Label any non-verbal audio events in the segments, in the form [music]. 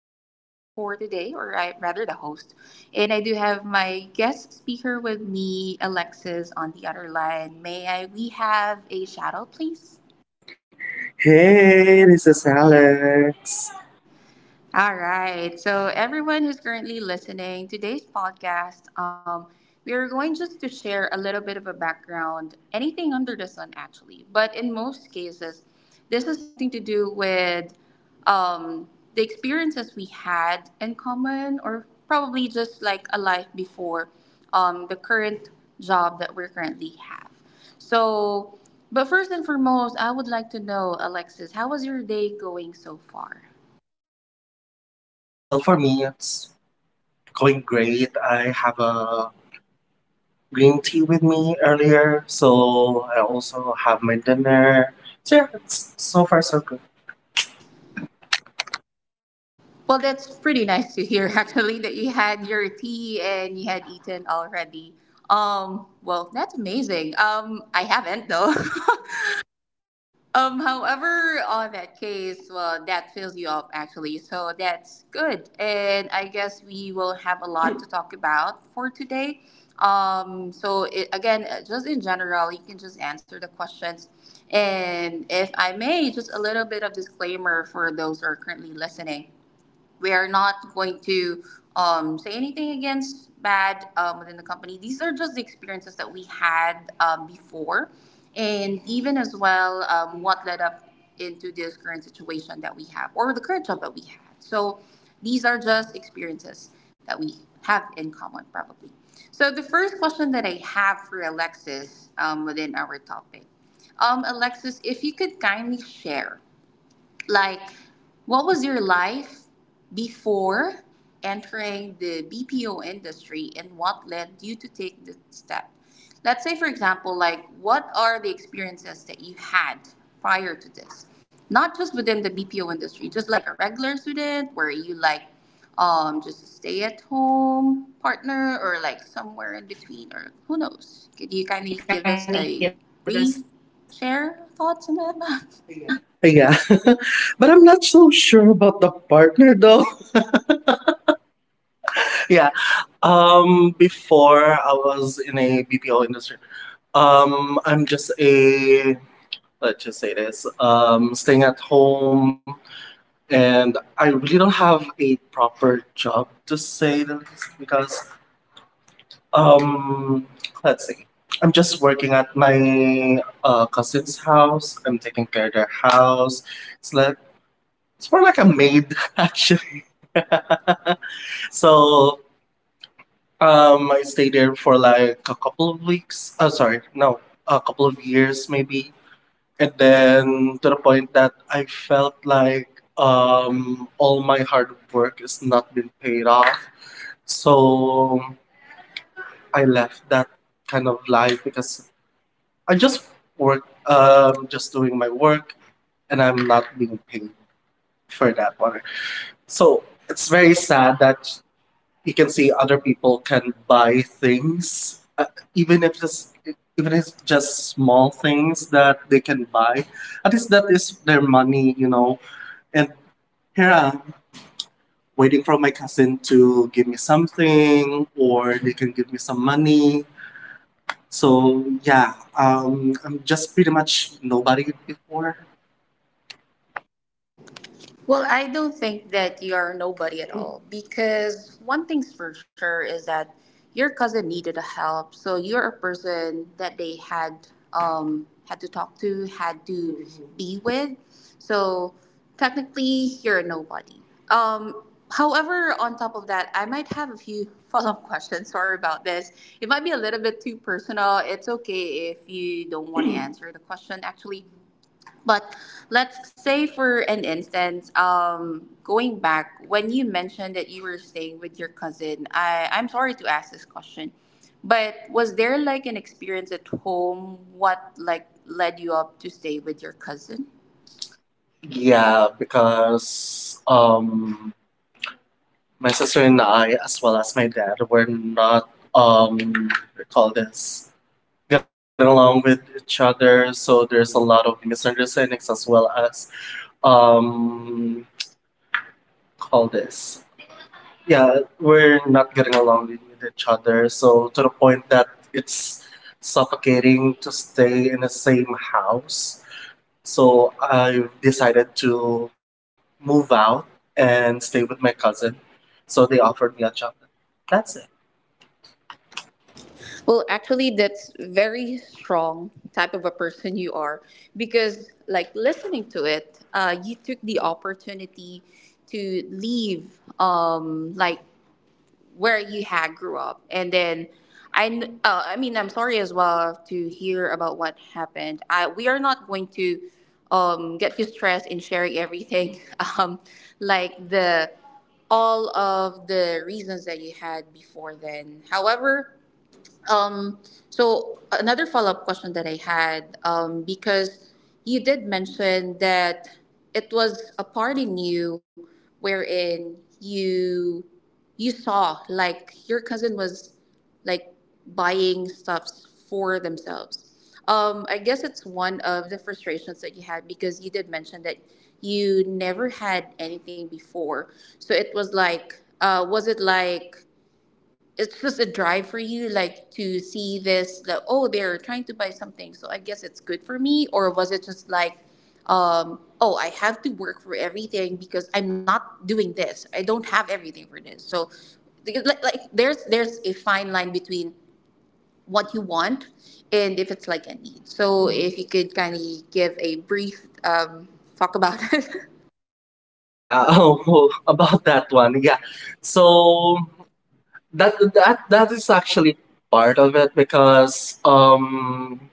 the speaker for today, or I rather the host. And I do have my guest speaker with me, Alexis, on the other line. May I we have a shadow, please? Hey, this is Alex. All right. So, everyone who's currently listening, today's podcast, we are going just to share a little bit of a background, anything under the sun, actually. But in most cases, this is something to do with the experiences we had in common, or probably just like a life before the current job that we're currently have. So, but first and foremost, I would like to know, Alexis, how was your day going so far? Well, for me, it's going great. I have a green tea with me earlier, so I also have my dinner. So, yeah, it's so far so good. Well, that's pretty nice to hear, [laughs] actually, that you had your tea and you had eaten already. Well, that's amazing. I haven't though. [laughs] However, on that case, well, that fills you up actually, so that's good. And I guess we will have a lot to talk about for today. Just in general, you can just answer the questions. And if I may, just a little bit of disclaimer for those who are currently listening, we are not going to say anything against bad within the company. These are just the experiences that we had before, and even as well what led up into this current situation that we have or the current job that we had. So these are just experiences that we have in common, probably. So the first question that I have for Alexis within our topic, Alexis, if you could kindly share. Like, what was your life before entering the BPO industry and what led you to take the step? Let's say, for example, like, what are the experiences that you had prior to this? Not just within the BPO industry, just like a regular student, where you like just a stay at home partner or like somewhere in between or who knows? Could you kindly You give kind us of give a us brief share thoughts on thoughts that? [laughs] about that? Yeah, [laughs] but I'm not so sure about the partner though. [laughs] yeah, before I was in a BPO industry, I'm just a let's just say this, staying at home, and I really don't have a proper job to say the least because um let's see. I'm just working at my cousin's house. I'm taking care of their house. It's like it's more like a maid [laughs] actually. [laughs] so I stayed there for like a couple of weeks. Oh, sorry, no, a couple of years maybe. And then, to the point that I felt like all my hard work is not been paid off. So I left that kind of life because I just work, just doing my work, and I'm not being paid for that one. So it's very sad that you can see other people can buy things, even if it's even if it's just small things that they can buy. At least that is their money, you know, and here I'm waiting for my cousin to give me something, or they can give me some money. So yeah, I'm just pretty much nobody before. Well, I don't think that you're nobody at all because one thing's for sure is that your cousin needed a help. So you're a person that they had had to talk to, had to be with. So technically, you're a nobody. Um, however, on top of that, I might have a few [laughs] follow up questions. Sorry about this. It might be a little bit too personal. It's okay if you don't want to answer the question, actually. But let's say for an instance, going back when you mentioned that you were staying with your cousin, I'm sorry to ask this question, but was there like an experience at home? What like led you up to stay with your cousin? Yeah, because my sister and I, as well as my dad, were not we call this get along with each other. So there's a lot of misunderstandings, as well as um, call this yeah, we're not getting along with each other. So to the point that it's suffocating to stay in the same house. So I decided to move out and stay with my cousin. So they offered me a job. That's it. Well, actually, that's very strong type of a person you are because, like, listening to it, you took the opportunity to leave, like where you had grew up, and then I mean, I'm sorry as well to hear about what happened. I, we are not going to get you stressed in sharing everything, [laughs] um, like the all of the reasons that you had before then. However, um, so another follow-up question that I had, because you did mention that it was a part in you wherein you saw like your cousin was like buying stuffs for themselves. I guess it's one of the frustrations that you had because you did mention that you never had anything before. So it was like, was it like it's just a drive for you like to see this like, oh, they're trying to buy something, so I guess it's good for me? Or was it just like, oh, I have to work for everything because I'm not doing this, I don't have everything for this? So because, like there's a fine line between what you want and if it's like a need. So if you could kind of give a brief talk about [laughs] it. Yeah, [laughs] oh, about that one. Yeah. So that is actually part of it, because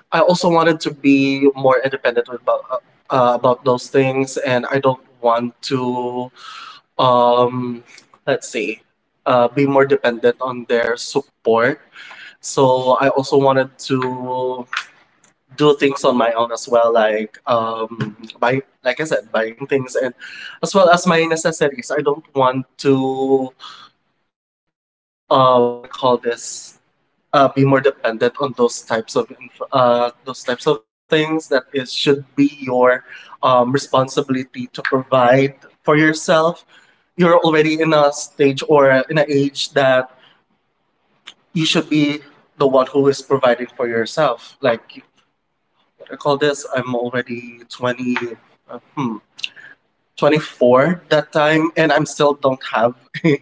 I also wanted to be more independent about those things, and I don't want to um let's see, be more dependent on their support. So I also wanted to do things on my own as well, like buy, like I said, buying things and as well as my necessities. I don't want to what do you call this be more dependent on those types of those types of things that it should be your responsibility to provide for yourself. You're already in a stage or in an age that you should be the one who is providing for yourself, like what do call this, I'm already 20, uh, hmm, 24 that time, and I'm still don't have [laughs] a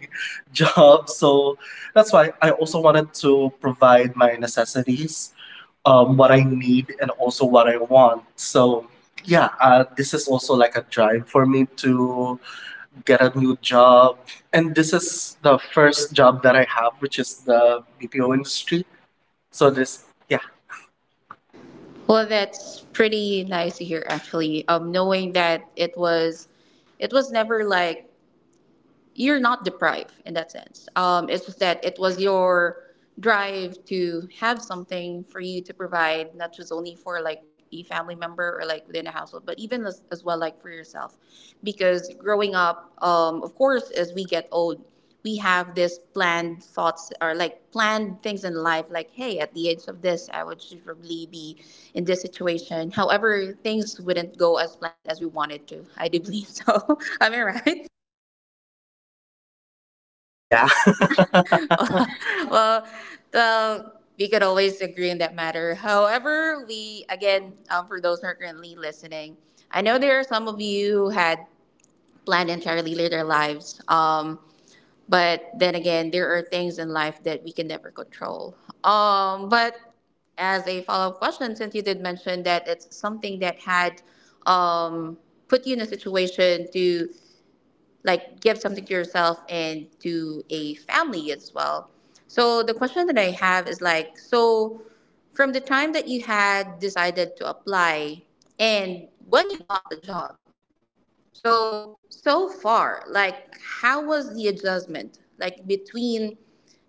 job. So that's why I also wanted to provide my necessities, what I need and also what I want. So yeah, this is also like a drive for me to get a new job. And this is the first job that I have, which is the BPO industry. So this, yeah, Well, that's pretty nice to hear, actually. Knowing that it was never like you're not deprived in that sense. It's just that it was your drive to have something for you to provide, not just only for like a family member or like within a household, but even as well like for yourself. Because growing up, of course, as we get old, we have this planned thoughts or like planned things in life like, hey, at the age of this I would should probably be in this situation. However, things wouldn't go as planned as we wanted to, I do believe so. [laughs] Am I right? yeah. [laughs] [laughs] Well, well, we could always agree on that matter. However, we again, for those who are currently listening, I know there are some of you who had planned entirely their lives. But then again, there are things in life that we can never control. But as a follow-up question, since you did mention that it's something that had um, put you in a situation to like give something to yourself and to a family as well. So the question that I have is like, so from the time that you had decided to apply and when you got the job. So so far, like how was the adjustment like between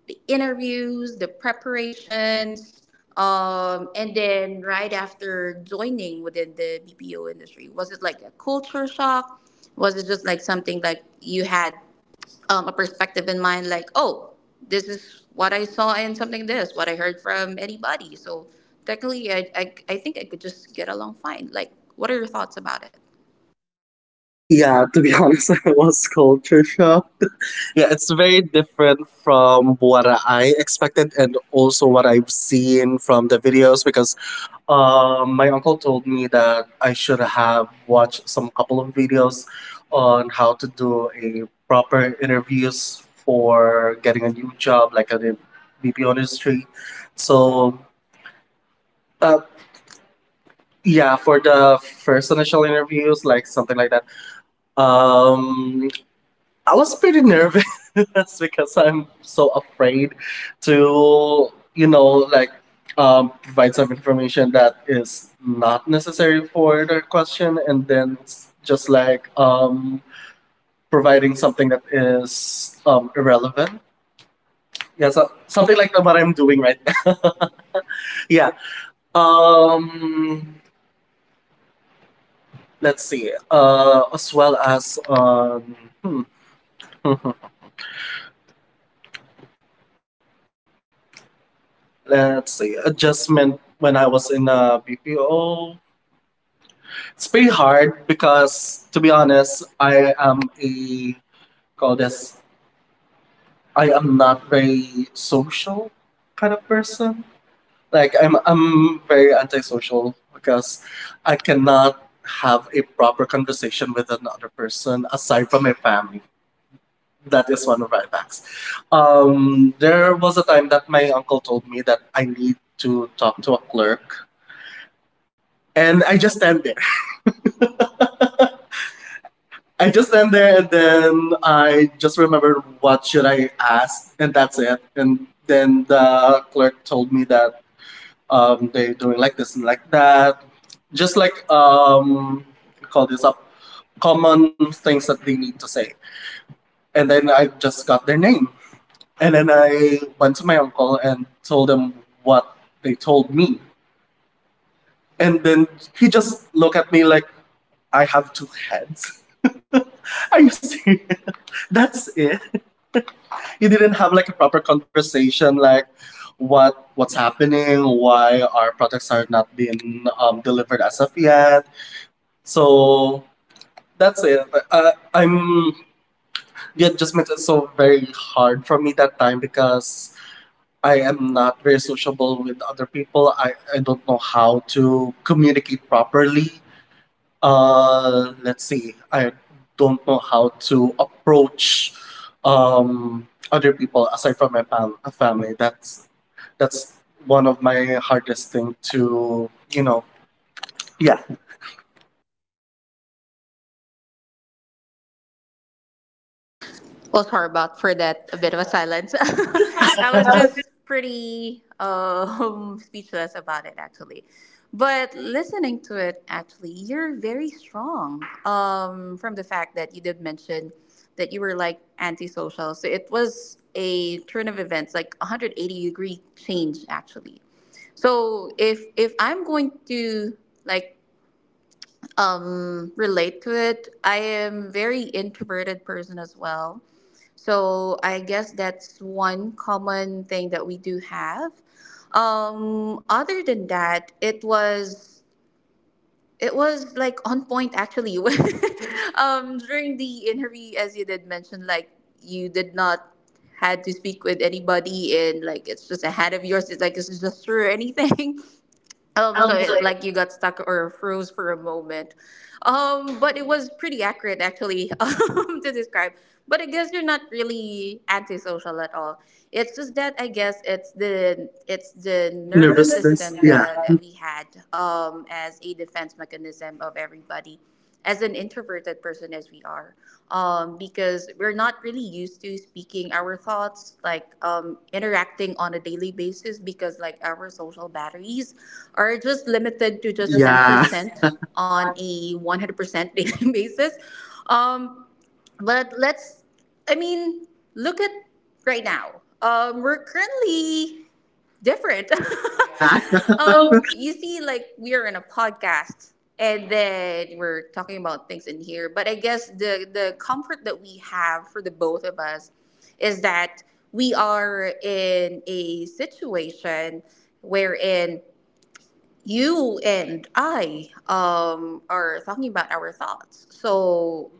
the interviews, the preparations, and then right after joining within the BPO industry? Was it like a culture shock? Was it just like something like you had a perspective in mind like, oh, this is what I saw and something this what I heard from anybody, so technically I think I could just get along fine? Like, what are your thoughts about it? Yeah, to be honest, [laughs] I was culture shocked. [laughs] Yeah, it's very different from what I expected and also what I've seen from the videos, because my uncle told me that I should have watched some couple of videos on how to do a proper interviews for getting a new job, like at the BPO industry. So, uh, yeah, for the first initial interviews, like something like that. Um, I was pretty nervous [laughs] because I'm so afraid to, you know, like provide some information that is not necessary for the question, and then it's just like providing something that is irrelevant. Yeah, so something like that, what I'm doing right now. [laughs] Yeah. Um, let's see. As well as hmm, [laughs] let's see, adjustment when I was in a BPO. It's pretty hard because, to be honest, I am a call this. I am not very social kind of person. Like I'm very antisocial because I cannot have a proper conversation with another person aside from my family. That is one of my facts. There was a time that my uncle told me that I need to talk to a clerk, and I just stand there, and then I just remembered what should I ask, and that's it. And then the clerk told me that they're doing like this and like that. Just like call this up common things that they need to say. And then I just got their name. And then I went to my uncle and told him what they told me. And then he just looked at me like I have two heads. [laughs] Are you serious? That's it. You didn't have like a proper conversation, like what's happening, why our products are not being delivered as of yet. So that's it. I'm The adjustment is so very hard for me that time, because I am not very sociable with other people. I don't know how to communicate properly. Let's see. I don't know how to approach other people aside from my family. That's one of my hardest thing, to you know. Yeah, Well, sorry about for that a bit of a silence. [laughs] I [laughs] was um, just pretty [laughs] speechless about it actually. But listening to it, actually, you're very strong. From the fact that you did mention that you were like antisocial, so it was a turn of events, like 180-degree change actually. So if I'm going to like relate to it. I am very introverted person as well. So I guess that's one common thing that we do have. Other than that, it was like on point actually. [laughs] During the interview, as you did mention, like you did not had to speak with anybody and like it's just a head of yours. It's like it's just through anything. [laughs] So it's Like you got stuck or froze for a moment. But it was pretty accurate actually, [laughs] to describe. But I guess you're not really antisocial at all. It's just that I guess it's the the nervous nervousness. system Yeah, that we had as a defense mechanism of everybody as an introverted person as we are, because we're not really used to speaking our thoughts like interacting on a daily basis because like our social batteries are just limited to just yeah, 10% [laughs] on a 100% daily [laughs] basis. Um, but let's i mean look at right now, we're currently different. yeah, [laughs] oh, You see, like we are in a podcast, and then we're talking about things in here. But I guess the comfort that we have for the both of us is that we are in a situation wherein you and I are talking about our thoughts. So I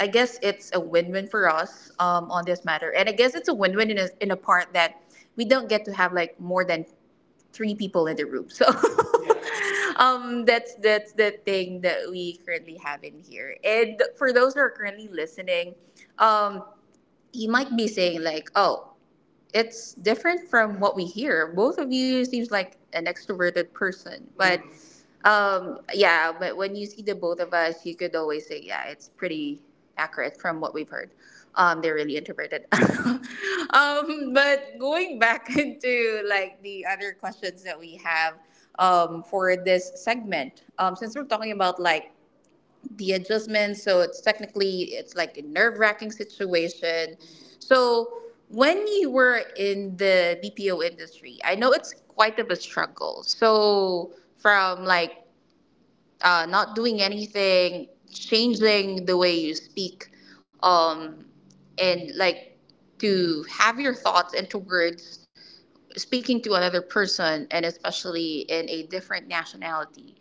I guess it's a win-win for us on this matter, and I guess it's a win-win in a part that we don't get to have like more than three people in the room. So [laughs] that's the thing that we currently have in here. And for those who are currently listening, um, you might be saying like, "Oh, it's different from what we hear. Both of you seems like an extroverted person, but yeah, but when you see the both of us, you could always say, yeah, it's pretty accurate from what we've heard. They're really introverted." [laughs] But going back [laughs] into like the other questions that we have for this segment, since we're talking about like the adjustment. So it's technically it's like a nerve wracking situation. So when you were in the BPO industry, I know it's quite of a struggle. So from like not doing anything, changing the way you speak, um, and like to have your thoughts into words, speaking to another person, and especially in a different nationality.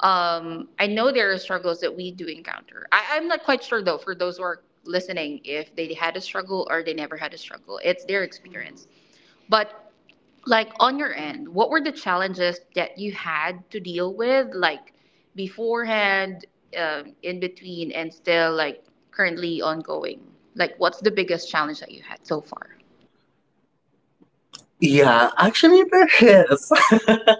I know there are struggles that we do encounter. I'm not quite sure though, for those who are listening, if they had a struggle or they never had a struggle, it's their experience. But like on your end, what were the challenges that you had to deal with, like beforehand, in between, and still like currently ongoing, like what's the biggest challenge that you had so far? yeah. Actually, there is. [laughs]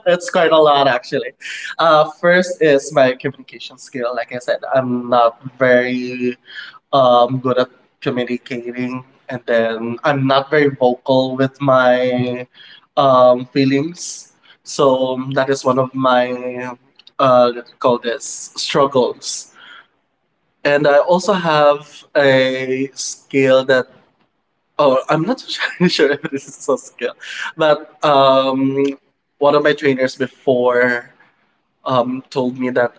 It's quite a lot actually. First is my communication skill. Like I said, I'm not very good at communicating, and then I'm not very vocal with my feelings. So that is one of my let's call this struggles. And I also have a skill that oh I'm not [laughs] sure if this is a skill, but one of my trainers before told me that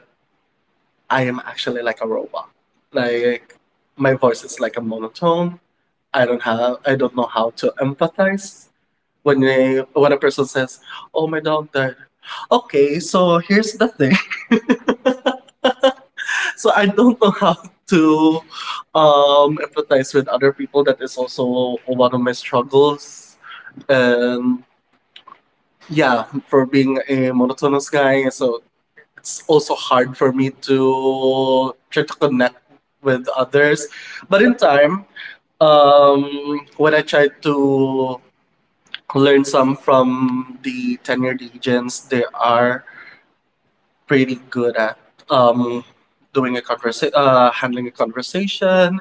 I am actually like a robot. Like my voice is like a monotone. I don't know how to empathize when a person says, "Oh, my dog died." Okay, so here's the thing. [laughs] So I don't know how to empathize with other people. That is also one of my struggles. And yeah, for being a monotonous guy, so it's also hard for me to try to connect with others. But in time, when I tried to learned some from the tenured agents. They are pretty good at um, doing a conversation, handling a conversation,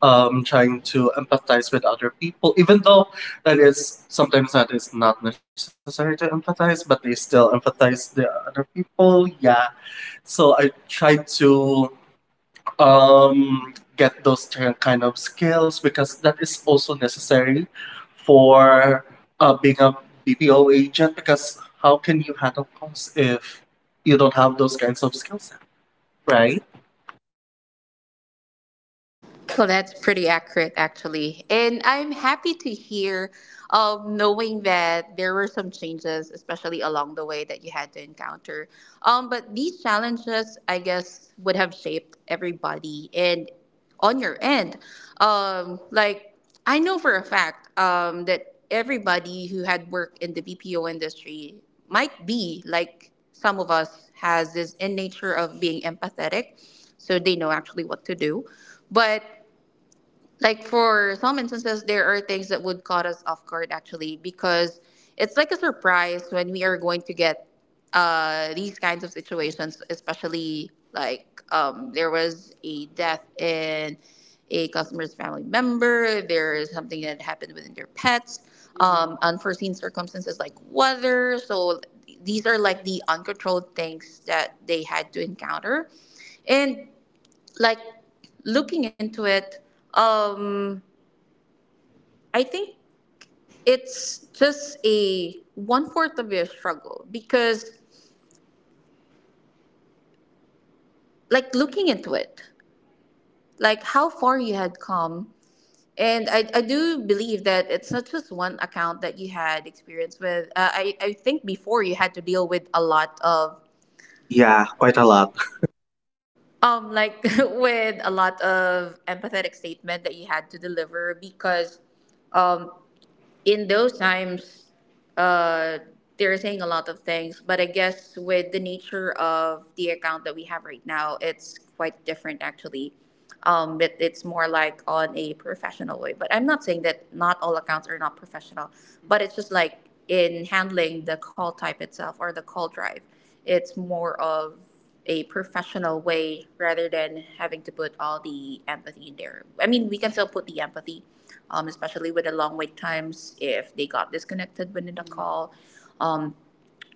trying to empathize with other people, even though that is sometimes that is not necessary to empathize, but they still empathize the other people. Yeah. So I try to get those kind of skills, because that is also necessary for being a BPO agent, because how can you handle calls if you don't have those kinds of skills, right? Well, that's pretty accurate, actually. And I'm happy to hear, knowing that there were some changes, especially along the way, that you had to encounter. But these challenges, I guess, would have shaped everybody. And on your end, like, I know for a fact that everybody who had worked in the BPO industry might be, like some of us, has this in nature of being empathetic. So they know actually what to do. But like for some instances, there are things that would caught us off guard, actually, because it's like a surprise when we are going to get these kinds of situations, especially like there was a death in a customer's family member, there is something that happened within their pets, unforeseen circumstances like weather. So these are like the uncontrolled things that they had to encounter. And like, looking into it, um, I think it's just a one fourth of your struggle because, like, looking into it, like how far you had come. And I do believe that it's not just one account that you had experience with. I think before you had to deal with a lot of, Yeah, quite a lot. Like, [laughs] with a lot of empathetic statement that you had to deliver because um in those times, uh, they're saying a lot of things, but I guess with the nature of the account that we have right now, it's quite different actually. But it's more like on a professional way. But I'm not saying that not all accounts are not professional, but it's just like in handling the call type itself or the call drive, it's more of a professional way rather than having to put all the empathy in there. I mean, we can still put the empathy, especially with the long wait times if they got disconnected within the call, um,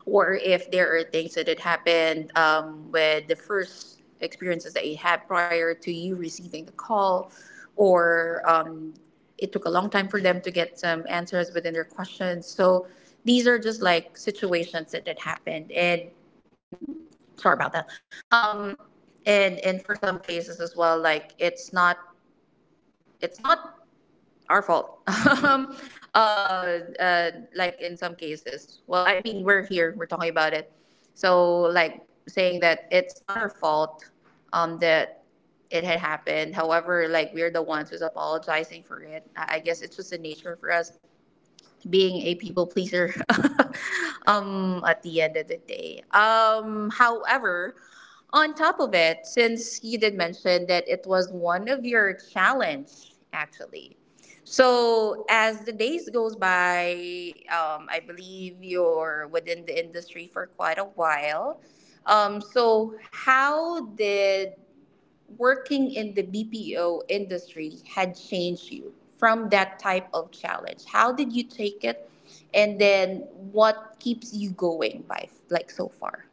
or if there are things that had happened with the first experiences that you had prior to you receiving the call, or it took a long time for them to get some answers within their questions. So these are just like situations that had happened. And sorry about that. um and for some cases as well, like, it's not our fault. [laughs] um uh, like in some cases, well, I mean, we're here, we're talking about it, so like saying that it's not our fault, that it had happened. However, like, we're the ones who's apologizing for it. I guess it's just the nature for us being a people pleaser, [laughs] at the end of the day. However, on top of it, since you did mention that it was one of your challenge, actually. So as the days goes by, I believe you're within the industry for quite a while. So how did working in the BPO industry had changed you from that type of challenge? How did you take it? And then what keeps you going by like so far?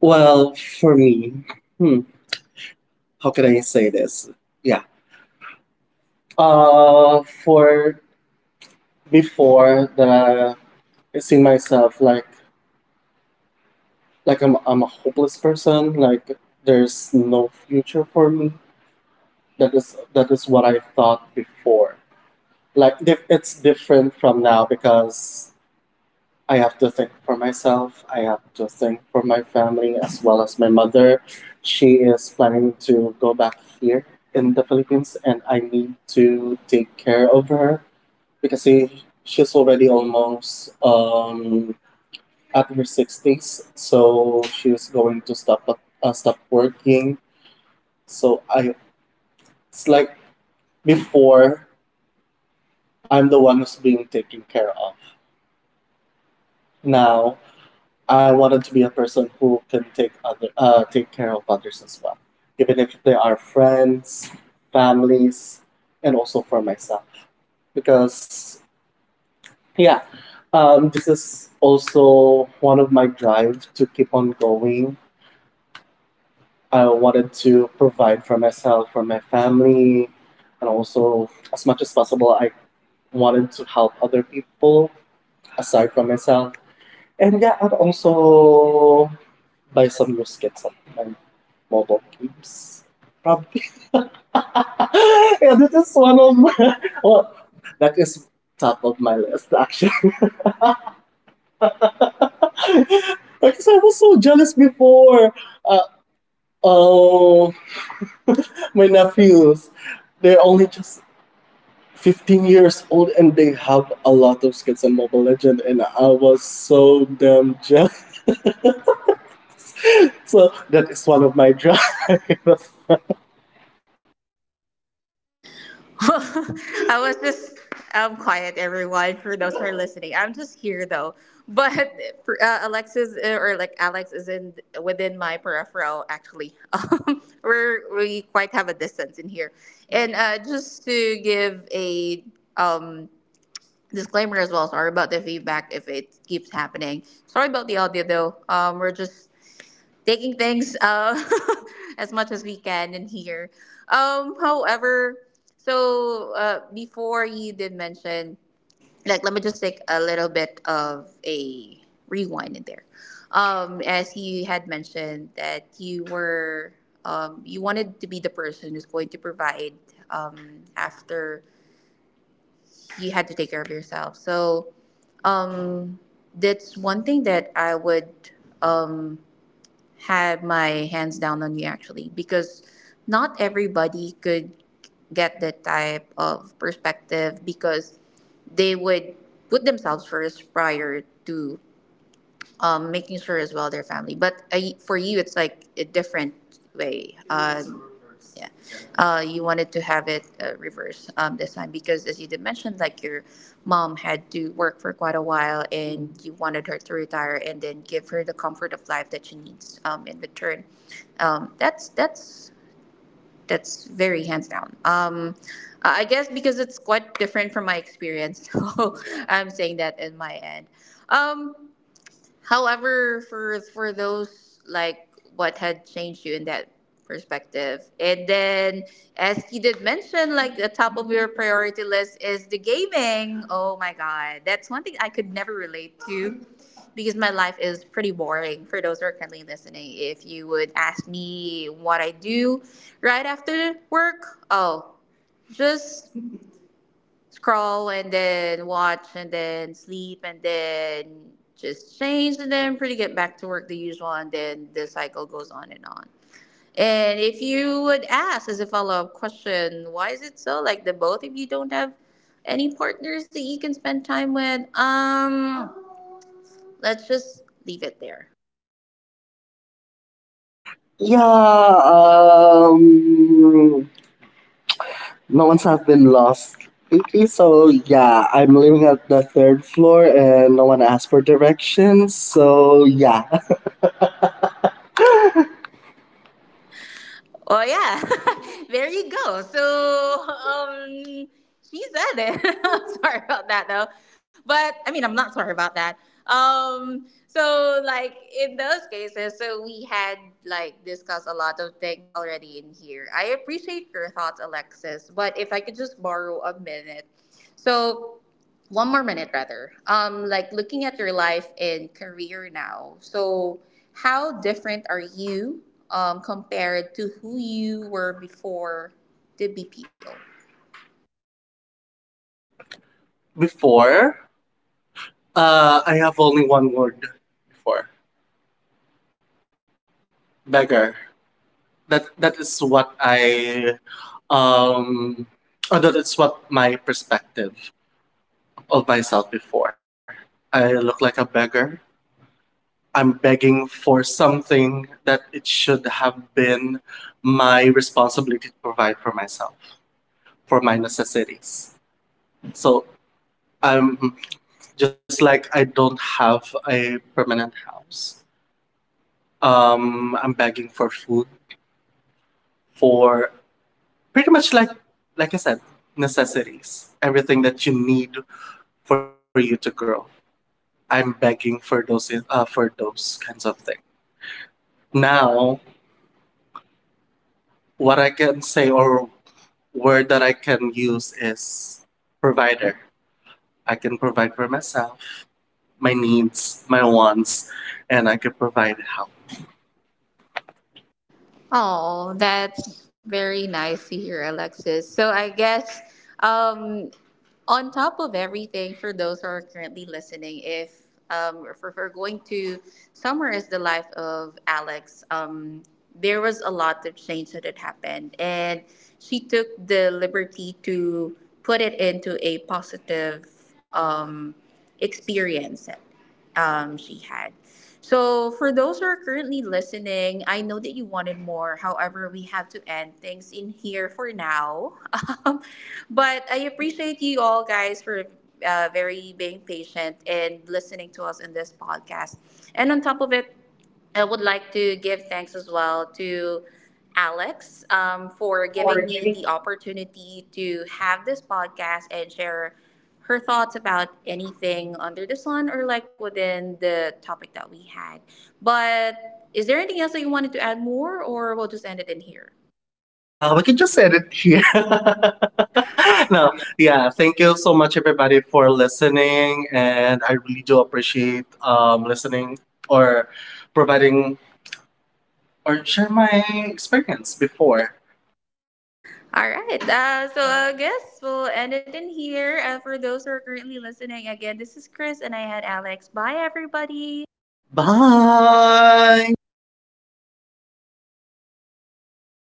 Well, for me, hmm, how can I say this? Yeah. For before that, I see myself like I'm a hopeless person. Like there's no future for me. That is what I thought before. Like it's different from now, because I have to think for myself. I have to think for my family, as well as my mother. She is planning to go back here in the Philippines, and I need to take care of her, because she's already almost at her sixties. So she's going to stop working. So I it's like before I'm the one who's being taken care of. Now, I wanted to be a person who can take care of others as well, even if they are friends, families, and also for myself. Because yeah, this is also one of my drive to keep on going. I wanted to provide for myself, for my family, and also, as much as possible, I wanted to help other people aside from myself. And yeah, and also buy some new skins of my mobile games. Probably. [laughs] yeah, that is one of my. Well, that is top of my list, actually. [laughs] because I was so jealous before. Uh, oh, my nephews. They're only just 15 years old and they have a lot of skins in Mobile Legend, and I was so damn jealous. [laughs] So, that is one of my drive. [laughs] [laughs] I was just quiet, everyone. For those who are listening, I'm just here though. [laughs] But for, Alexis, or like Alex, is in within my peripheral actually. [laughs] We quite have a distance in here. And just to give a um disclaimer as well. Sorry about the feedback if it keeps happening. Sorry about the audio though. We're just taking things, [laughs] as much as we can in here. However, so before you did mention, like, let me just take a little bit of a rewind in there. As you had mentioned that you were, you wanted to be the person who's going to provide, after you had to take care of yourself. So, um, that's one thing that I would, um, have my hands down on you actually, because not everybody could get that type of perspective, because they would put themselves first prior to, making sure as well their family. But I, for you, it's like a different way. Yeah. You wanted to have it reversed this time because, as you did mention, like your mom had to work for quite a while and you wanted her to retire and then give her the comfort of life that she needs, in return. That's that's very hands down. I guess because it's quite different from my experience, [laughs] so I'm saying that in my end. Um, However, for those like what had changed you in that perspective, and then, as you did mention, like the top of your priority list is the gaming. Oh my god, that's one thing I could never relate to, because my life is pretty boring. For those who are currently listening, if you would ask me what I do right after work, oh, just scroll and then watch and then sleep and then just change and then pretty get back to work, the usual, and then the cycle goes on. And if you would ask as a follow-up question, why is it so, like, the both of you don't have any partners that you can spend time with? Let's just leave it there. Yeah, no one's have been lost lately, so yeah, I'm living at the third floor and no one asked for directions, so yeah. Oh yeah, [laughs] there you go. So she said it. [laughs] I'm sorry about that though, but I mean I'm not sorry about that. So like in those cases, so we had like discussed a lot of things already in here. I appreciate your thoughts, Alexis, but if I could just borrow a minute, so one more minute rather, like looking at your life and career now, so how different are you, compared to who you were before the BPO? Before, I have only one word before: beggar. That that is what I um, oh, that is what my perspective of myself before. I look like a beggar. I'm begging for something that it should have been my responsibility to provide for myself, for my necessities. So I'm just like I don't have a permanent house. I'm begging for food, for pretty much like I said, necessities, everything that you need for you to grow. I'm begging for those kinds of things. Now, what I can say or word that I can use is provider. I can provide for myself, my needs, my wants, and I can provide help. Oh, that's very nice to hear, Alexis. So I guess, um, on top of everything, for those who are currently listening, if, if we're going to summarize the life of Alex, there was a lot of change that had happened, and she took the liberty to put it into a positive, um, experience she had. So, for those who are currently listening, I know that you wanted more. However, we have to end things in here for now. [laughs] Um, but I appreciate you all guys for very being patient and listening to us in this podcast. And on top of it, I would like to give thanks as well to Alex, for giving For me the giving opportunity to have this podcast and share her thoughts about anything under the sun or like within the topic that we had. But is there anything else that you wanted to add more, or we'll just end it in here? Yeah, we can just end it here. Uh, [laughs] no, yeah, thank you so much, everybody, for listening. And I really do appreciate listening or providing or share my experience before. all right. So I guess we'll end it in here. For those who are currently listening, again, this is Chris and I had Alex. Bye, everybody. Bye.